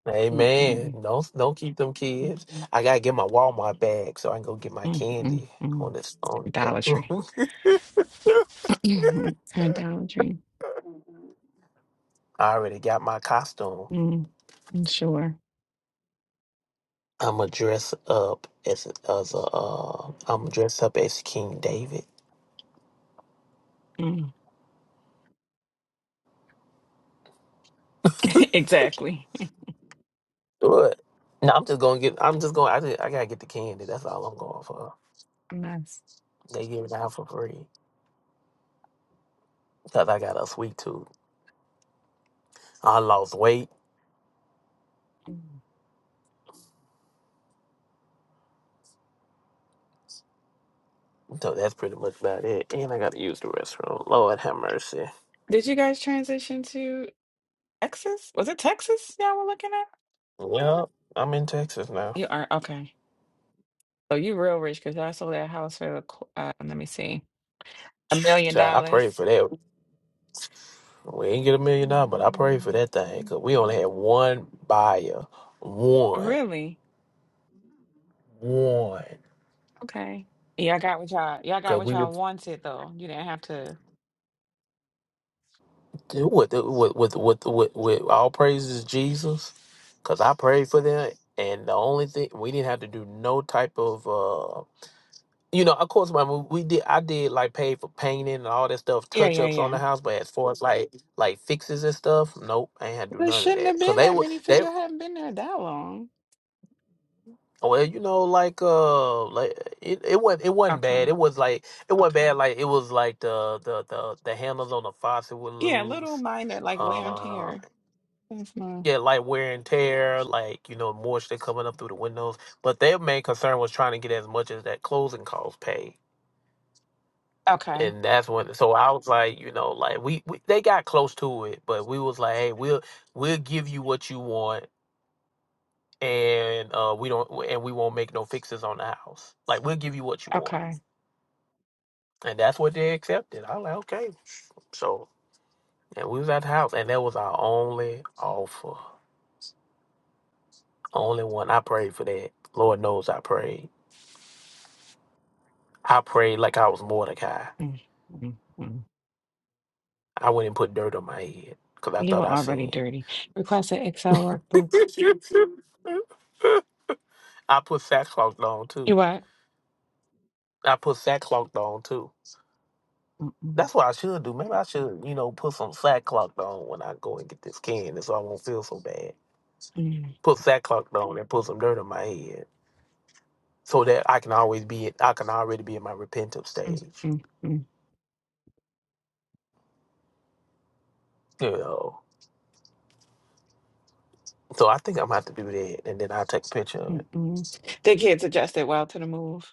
Amen. Mm-mm. Don't don't keep them kids. Mm-mm. I gotta get my Walmart bag so I can go get my Mm-mm. candy on Mm. this on Idolatry. that. Mm. Idolatry. I already got my costume. Mm. Mm, Sure. I'ma dress up as as a uh, I'm dress up as King David. Mm. exactly. What? No, I'm just gonna get. I'm just going. to I just, I gotta get the candy. That's all I'm going for. A mess. They give it out for free because I got a sweet tooth. I lost weight, Mm. so that's pretty much about it. And I gotta use the restroom. Lord have mercy. Did you guys transition to Texas? Was it Texas y'all were looking at? Yep, I'm in Texas now. You are okay. So you real rich because I sold that house for the, qu- uh, let me see. A million Child, I prayed dollars. for that. We ain't get a million dollars, but I prayed for Mm. that thing because we only had one buyer, one, Really? one. Okay. Y'all got what y'all y'all got Because what we y'all was- wanted though. You didn't have to. with with with with with, with all praises Jesus, because I prayed for that, and the only thing we didn't have to do no type of. uh you know, of course, my mo- we did. I did like pay for painting and all that stuff, Yeah, touch yeah, ups on yeah. the house. But as far as like like fixes and stuff, nope, I ain't had to do Well, It none of shouldn't that have because been they that were many. they. Figure y'all haven't been there that long. Well, you know, like uh, like it, it wasn't it wasn't Okay. bad. It was like it wasn't bad. Like it was like the the the, the handles on the faucet were Yeah, little loose. minor like wear and Uh, tear. That's not. yeah, like wear and tear, like you know, moisture coming up through the windows. But their main concern was trying to get as much as that closing cost paid, Okay. and that's when. So I was like, you know, like we, we they got close to it, but we was like, hey, we'll we'll give you what you want, and uh, we don't, and we won't make no fixes on the house. Like we'll give you what you want Okay. And that's what they accepted. I was like, okay. So and we was at the house and that was our only offer. Only one. I prayed for that. Lord knows I prayed. I prayed like I was Mordecai. Mm, mm, mm. I went and put dirt on my head because I You thought were I already sinned. dirty. Request an Excel workbook. I put sackcloth on too. You what? I put sackcloth on too. Mm-mm, That's what I should do. Maybe I should, you know, put some sackcloth on when I go and get this candy so I won't feel so bad. mm, Put sackcloth on and put some dirt on my head. so that I can always be I can already be in my repentant mm, stage. mm, mm, You know. So I think I'm gonna have to do that and then I'll take a picture of it. mm, mm. The kids adjusted well to the move.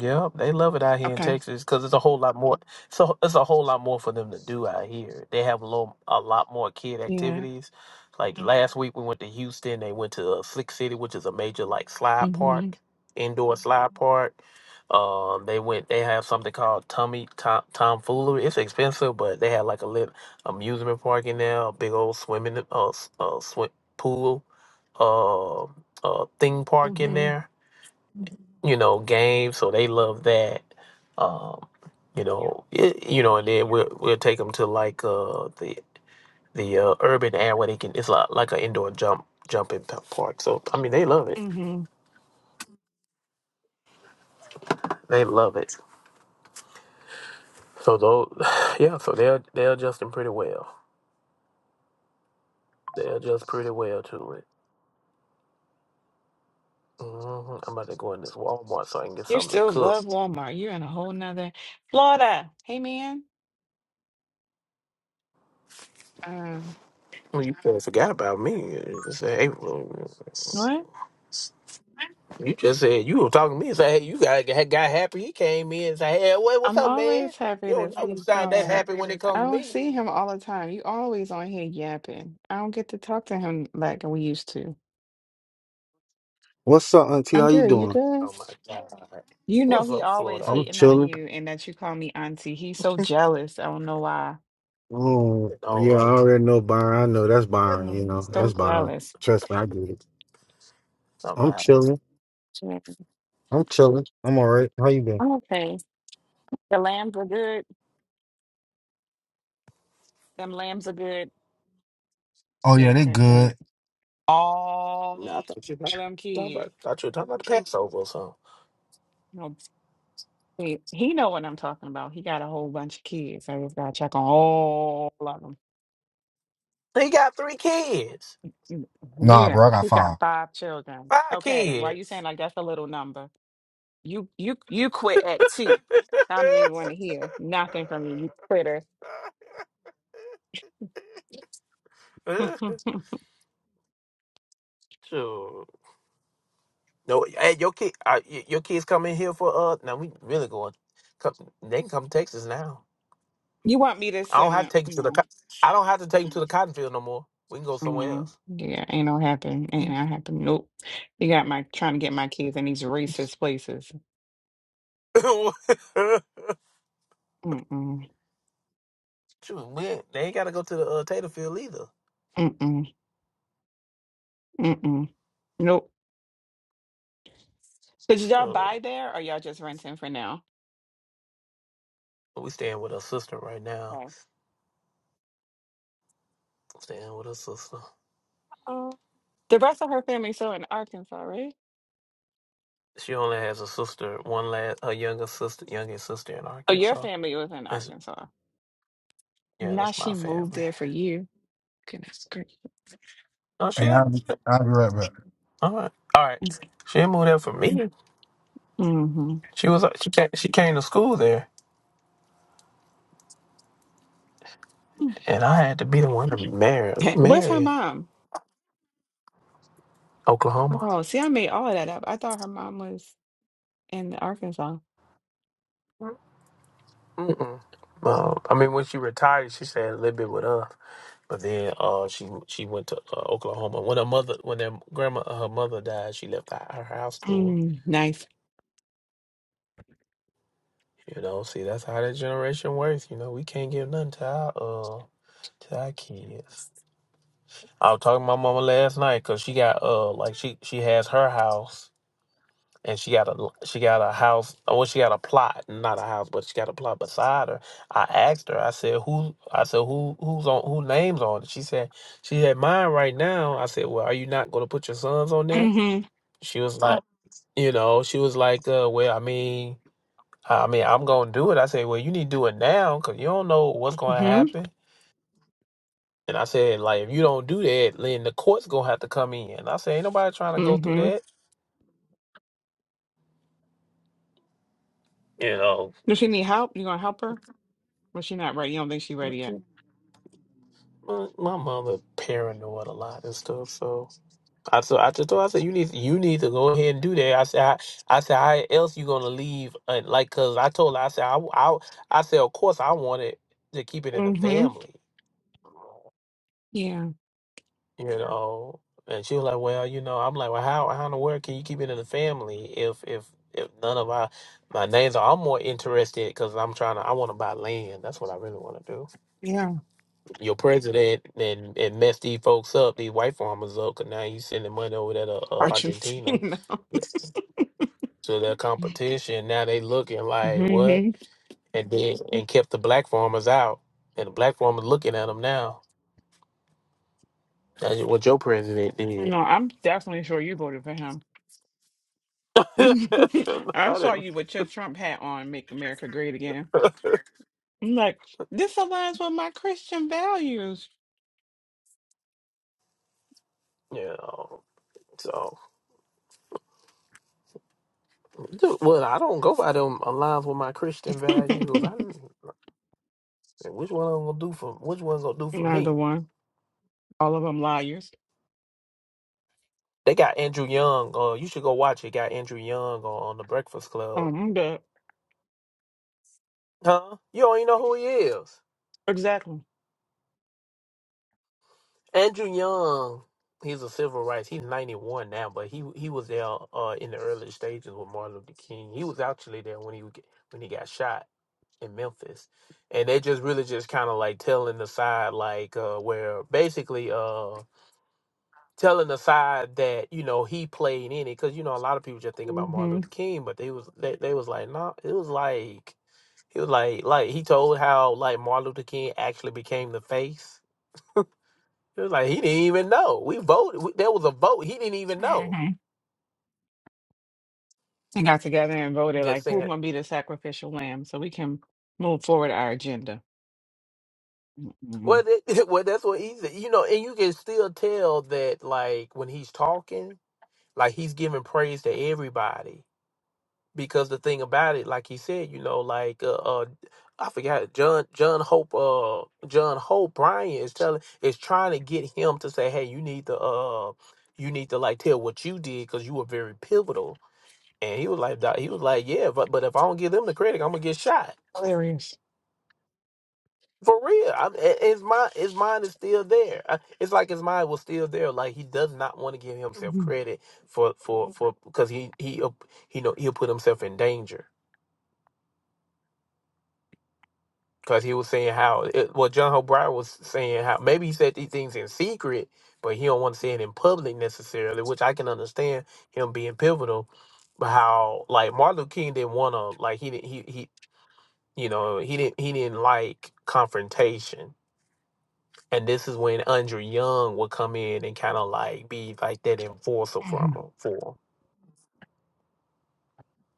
Yep, they love it out here in Okay. Texas because it's a whole lot more. So it's a whole lot more for them to do out here. They have a little, a lot more kid Yeah. activities. Like last week, we went to Houston. They went to uh, Slick City, which is a major like slide Mm-hmm. park, indoor slide park. Um, they went. They have something called Tummy Tom Tomfoolery. It's expensive, but they had like a little amusement park in there, a big old swimming uh, s- uh swim pool, uh, uh theme park in hmm there you know, game, so they love that. Um, you know, it, you know, and then we'll we'll take them to like uh the the uh, urban area where they can. It's like like an indoor jump jumping p- park. So I mean, they love it. hmm They love it. So those, yeah. So they're they're adjusting pretty well. They're just pretty well to it. hmm I'm about to go in this Walmart so I can get You something to still cook. love Walmart. You're in a whole nother Florida. Hey, man. Um, Well, you kinda forgot about me. It's April. what? You just said you were talking to me and say, hey, you got got got happy. He came in and say, hey, what, what's I'm up, man? always You happy to don't never see sound that Florida. happy when it I comes to don't me. see him all the time. You always on here yapping. I don't get to talk to him like we used to. What's up, Auntie? I'm How you good. You doing? good? Oh my god, You know what's he up, Florida? always How I'm you hating on chilling. you and that you call me auntie. He's so jealous. I don't know why. Um, no, yeah, I like, already know Byron. I know that's Byron. You know Mm, so that's Byron. jealous. Trust me, I get it. something I'm like chilling. Mm, I'm chilling. I'm all right. How you been? I'm okay. The lambs are good. Them lambs are good. Oh yeah, Good, they good, good. good. all no, I thought you were them talking about kids. I thought you were talking about the Passover or something. No, he he know what I'm talking about. He got a whole bunch of kids. I just gotta check on all of them. He got three kids, You- Nah, Yeah, bro, I got he got five. five children. five Okay, why you kids. saying like that's a little number? You you you quit at two. I don't even want to hear nothing from you, you quitter. sure. No, hey, your kid, uh, your kids come in here for uh. Now we really going. Come, they can come to Texas now. you want me to I don't send have to it? take you to the. No. co- I don't have to take you to the cotton field no more. We can go somewhere Mm, else. yeah, ain't no happen. Ain't no happen. Nope. You got my trying to get my kids in these racist places. Mm mm Shoot, we ain't, they ain't got to go to the uh, Tater field either. mm mm mm. Nope. So did y'all Shoot. buy there or y'all just renting for now? But we staying with her sister right now. Okay. Staying with her sister. Oh. The rest of her family still in Arkansas, right? She only has a sister, one last, her younger sister, youngest sister in Oh, your Arkansas. family was in That's Arkansas. yeah, Now that's my she moved family. there for you. Goodness gracious. No, she Hey, I'll, didn't. be- I'll be right back. All right, all right. She didn't move there for me. hmm She was uh, she came, she came to school there, and I had to be the one to marry Where's her marry mom? Oklahoma. Oh, see, I made all of that up. I thought her mom was in Arkansas. Mm-mm. Uh, I mean, when she retired, she stayed a little bit with us, but then uh, she she went to uh, Oklahoma. When her mother, when their grandma, her mother died, she left her, her house to her. Mm, nice. You know, see, that's how that generation works. You know, we can't give nothing to our uh to our kids. I was talking to my mama last night because she got uh like she she has her house and she got a she got a house. oh, Well, she got a plot, not a house, but she got a plot beside her. I asked her. I said, "Who?" I said, "Who? Who's on? Who names on it?" She said, "She had mine right now." I said, "Well, are you not going to put your sons on there?" hmm She was like, Right. "You know," she was like, uh, "Well, I mean, I mean, I'm going to do it." I said, "Well, you need to do it now because you don't know what's going to hmm happen." And I said, like, if you don't do that, then the court's gonna have to come in. I said, ain't nobody trying to go through hmm that, you know. Does she need help? You gonna help her? Well, she not ready. You don't think she ready yet? My, my mother paranoid a lot and stuff, so I so I just told her, I said you need you need to go ahead and do that. I said I, I said how else you gonna leave? And like, cause I told her I said I, I I said of course I wanted to keep it in the hmm family, Yeah. you know. And she was like, well, you know, I'm like, well, how how in the world can you keep it in the family if if if none of our my names are? I'm more interested because I'm trying to I want to buy land. That's what I really want to do. Yeah. your president and and mess these folks up, these white farmers up, 'cause now you sending money over there to uh, Argentina Argentina. so their competition. Now they looking like hmm what, and then and kept the black farmers out, and the black farmers looking at them now. That's what your president did. No, I'm definitely sure you voted for him. I I saw didn't, you with your Trump hat on, Make America Great Again. I'm like, this aligns with my Christian values. you know. So, dude, well, I don't go by them aligns with my Christian values. I didn't. Which one I'm gonna do for? Which one gonna do for me? Neither one. All of them liars. They got Andrew Young. Uh, you should go watch it. Got Andrew Young on, on the Breakfast Club. Um, I'm good. Huh? You don't even know who he is. Exactly. Andrew Young. He's a civil rights. He's ninety one now, but he he was there uh, in the early stages with Martin Luther King. He was actually there when he would get- when he got shot in Memphis, and they just really just kind of like telling the side like uh, where basically uh telling the side that you know he played in it because you know a lot of people just think about Martin Mm-hmm. Luther King, but they was they, they was like no, it was like he was like like he told how like Martin Luther King actually became the face. It was like he didn't even know we voted. We, there was a vote he didn't even know. hmm They got together and voted Just like, who's saying. going to be the sacrificial lamb so we can move forward our agenda. hmm Well, that, well, that's what he's You know, and you can still tell that like when he's talking, like he's giving praise to everybody because the thing about it, like he said, you know, like uh, uh I forgot John John Hope uh John Hope Bryan is telling is trying to get him to say, hey, you need to uh you need to like tell what you did because you were very pivotal. And he was like, "Doc," he was like, yeah, but but if I don't give them the credit, I'm gonna get shot Hilarious. for real. I'm, i- his mind his mind is still there. I- It's like his mind was still there. Like he does not want to give himself hmm credit for for for because he he uh, he know he'll put himself in danger because he was saying how it, well John O'Brien was saying how maybe he said these things in secret, but he don't want to say it in public necessarily, which I can understand him being pivotal. But how like Martin Luther King didn't want to like he didn't he he you know he didn't he didn't like confrontation, and this is when Andrew Young would come in and kind of like be like that enforcer from hmm him for him.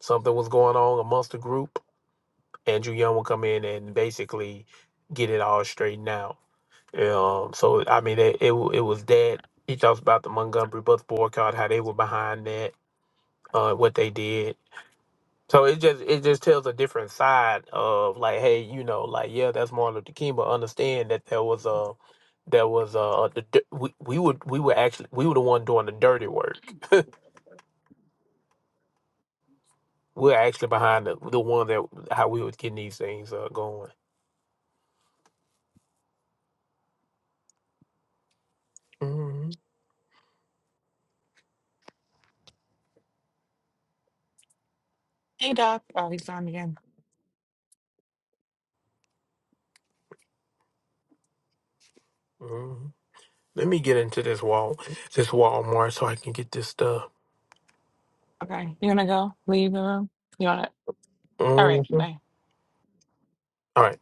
something was going on amongst the group. Andrew Young would come in and basically get it all straightened out Um, so I mean, it, it wa- it was that he talks about the Montgomery bus boycott, how they were behind that, uh, what they did. So it just it just tells a different side of like, hey, you know, like yeah, that's Martin Luther King, but understand that there was a there was a the, di- we we would we were actually we were the one doing the dirty work. We are actually behind the the one that how we was getting these things uh, going. hmm Hey, Doc. Oh, he's gone again. hmm Let me get into this wall this Walmart so I can get this stuff. Okay. You want to go? Leave the room? You want to? All right. Mhm. Bye. All right.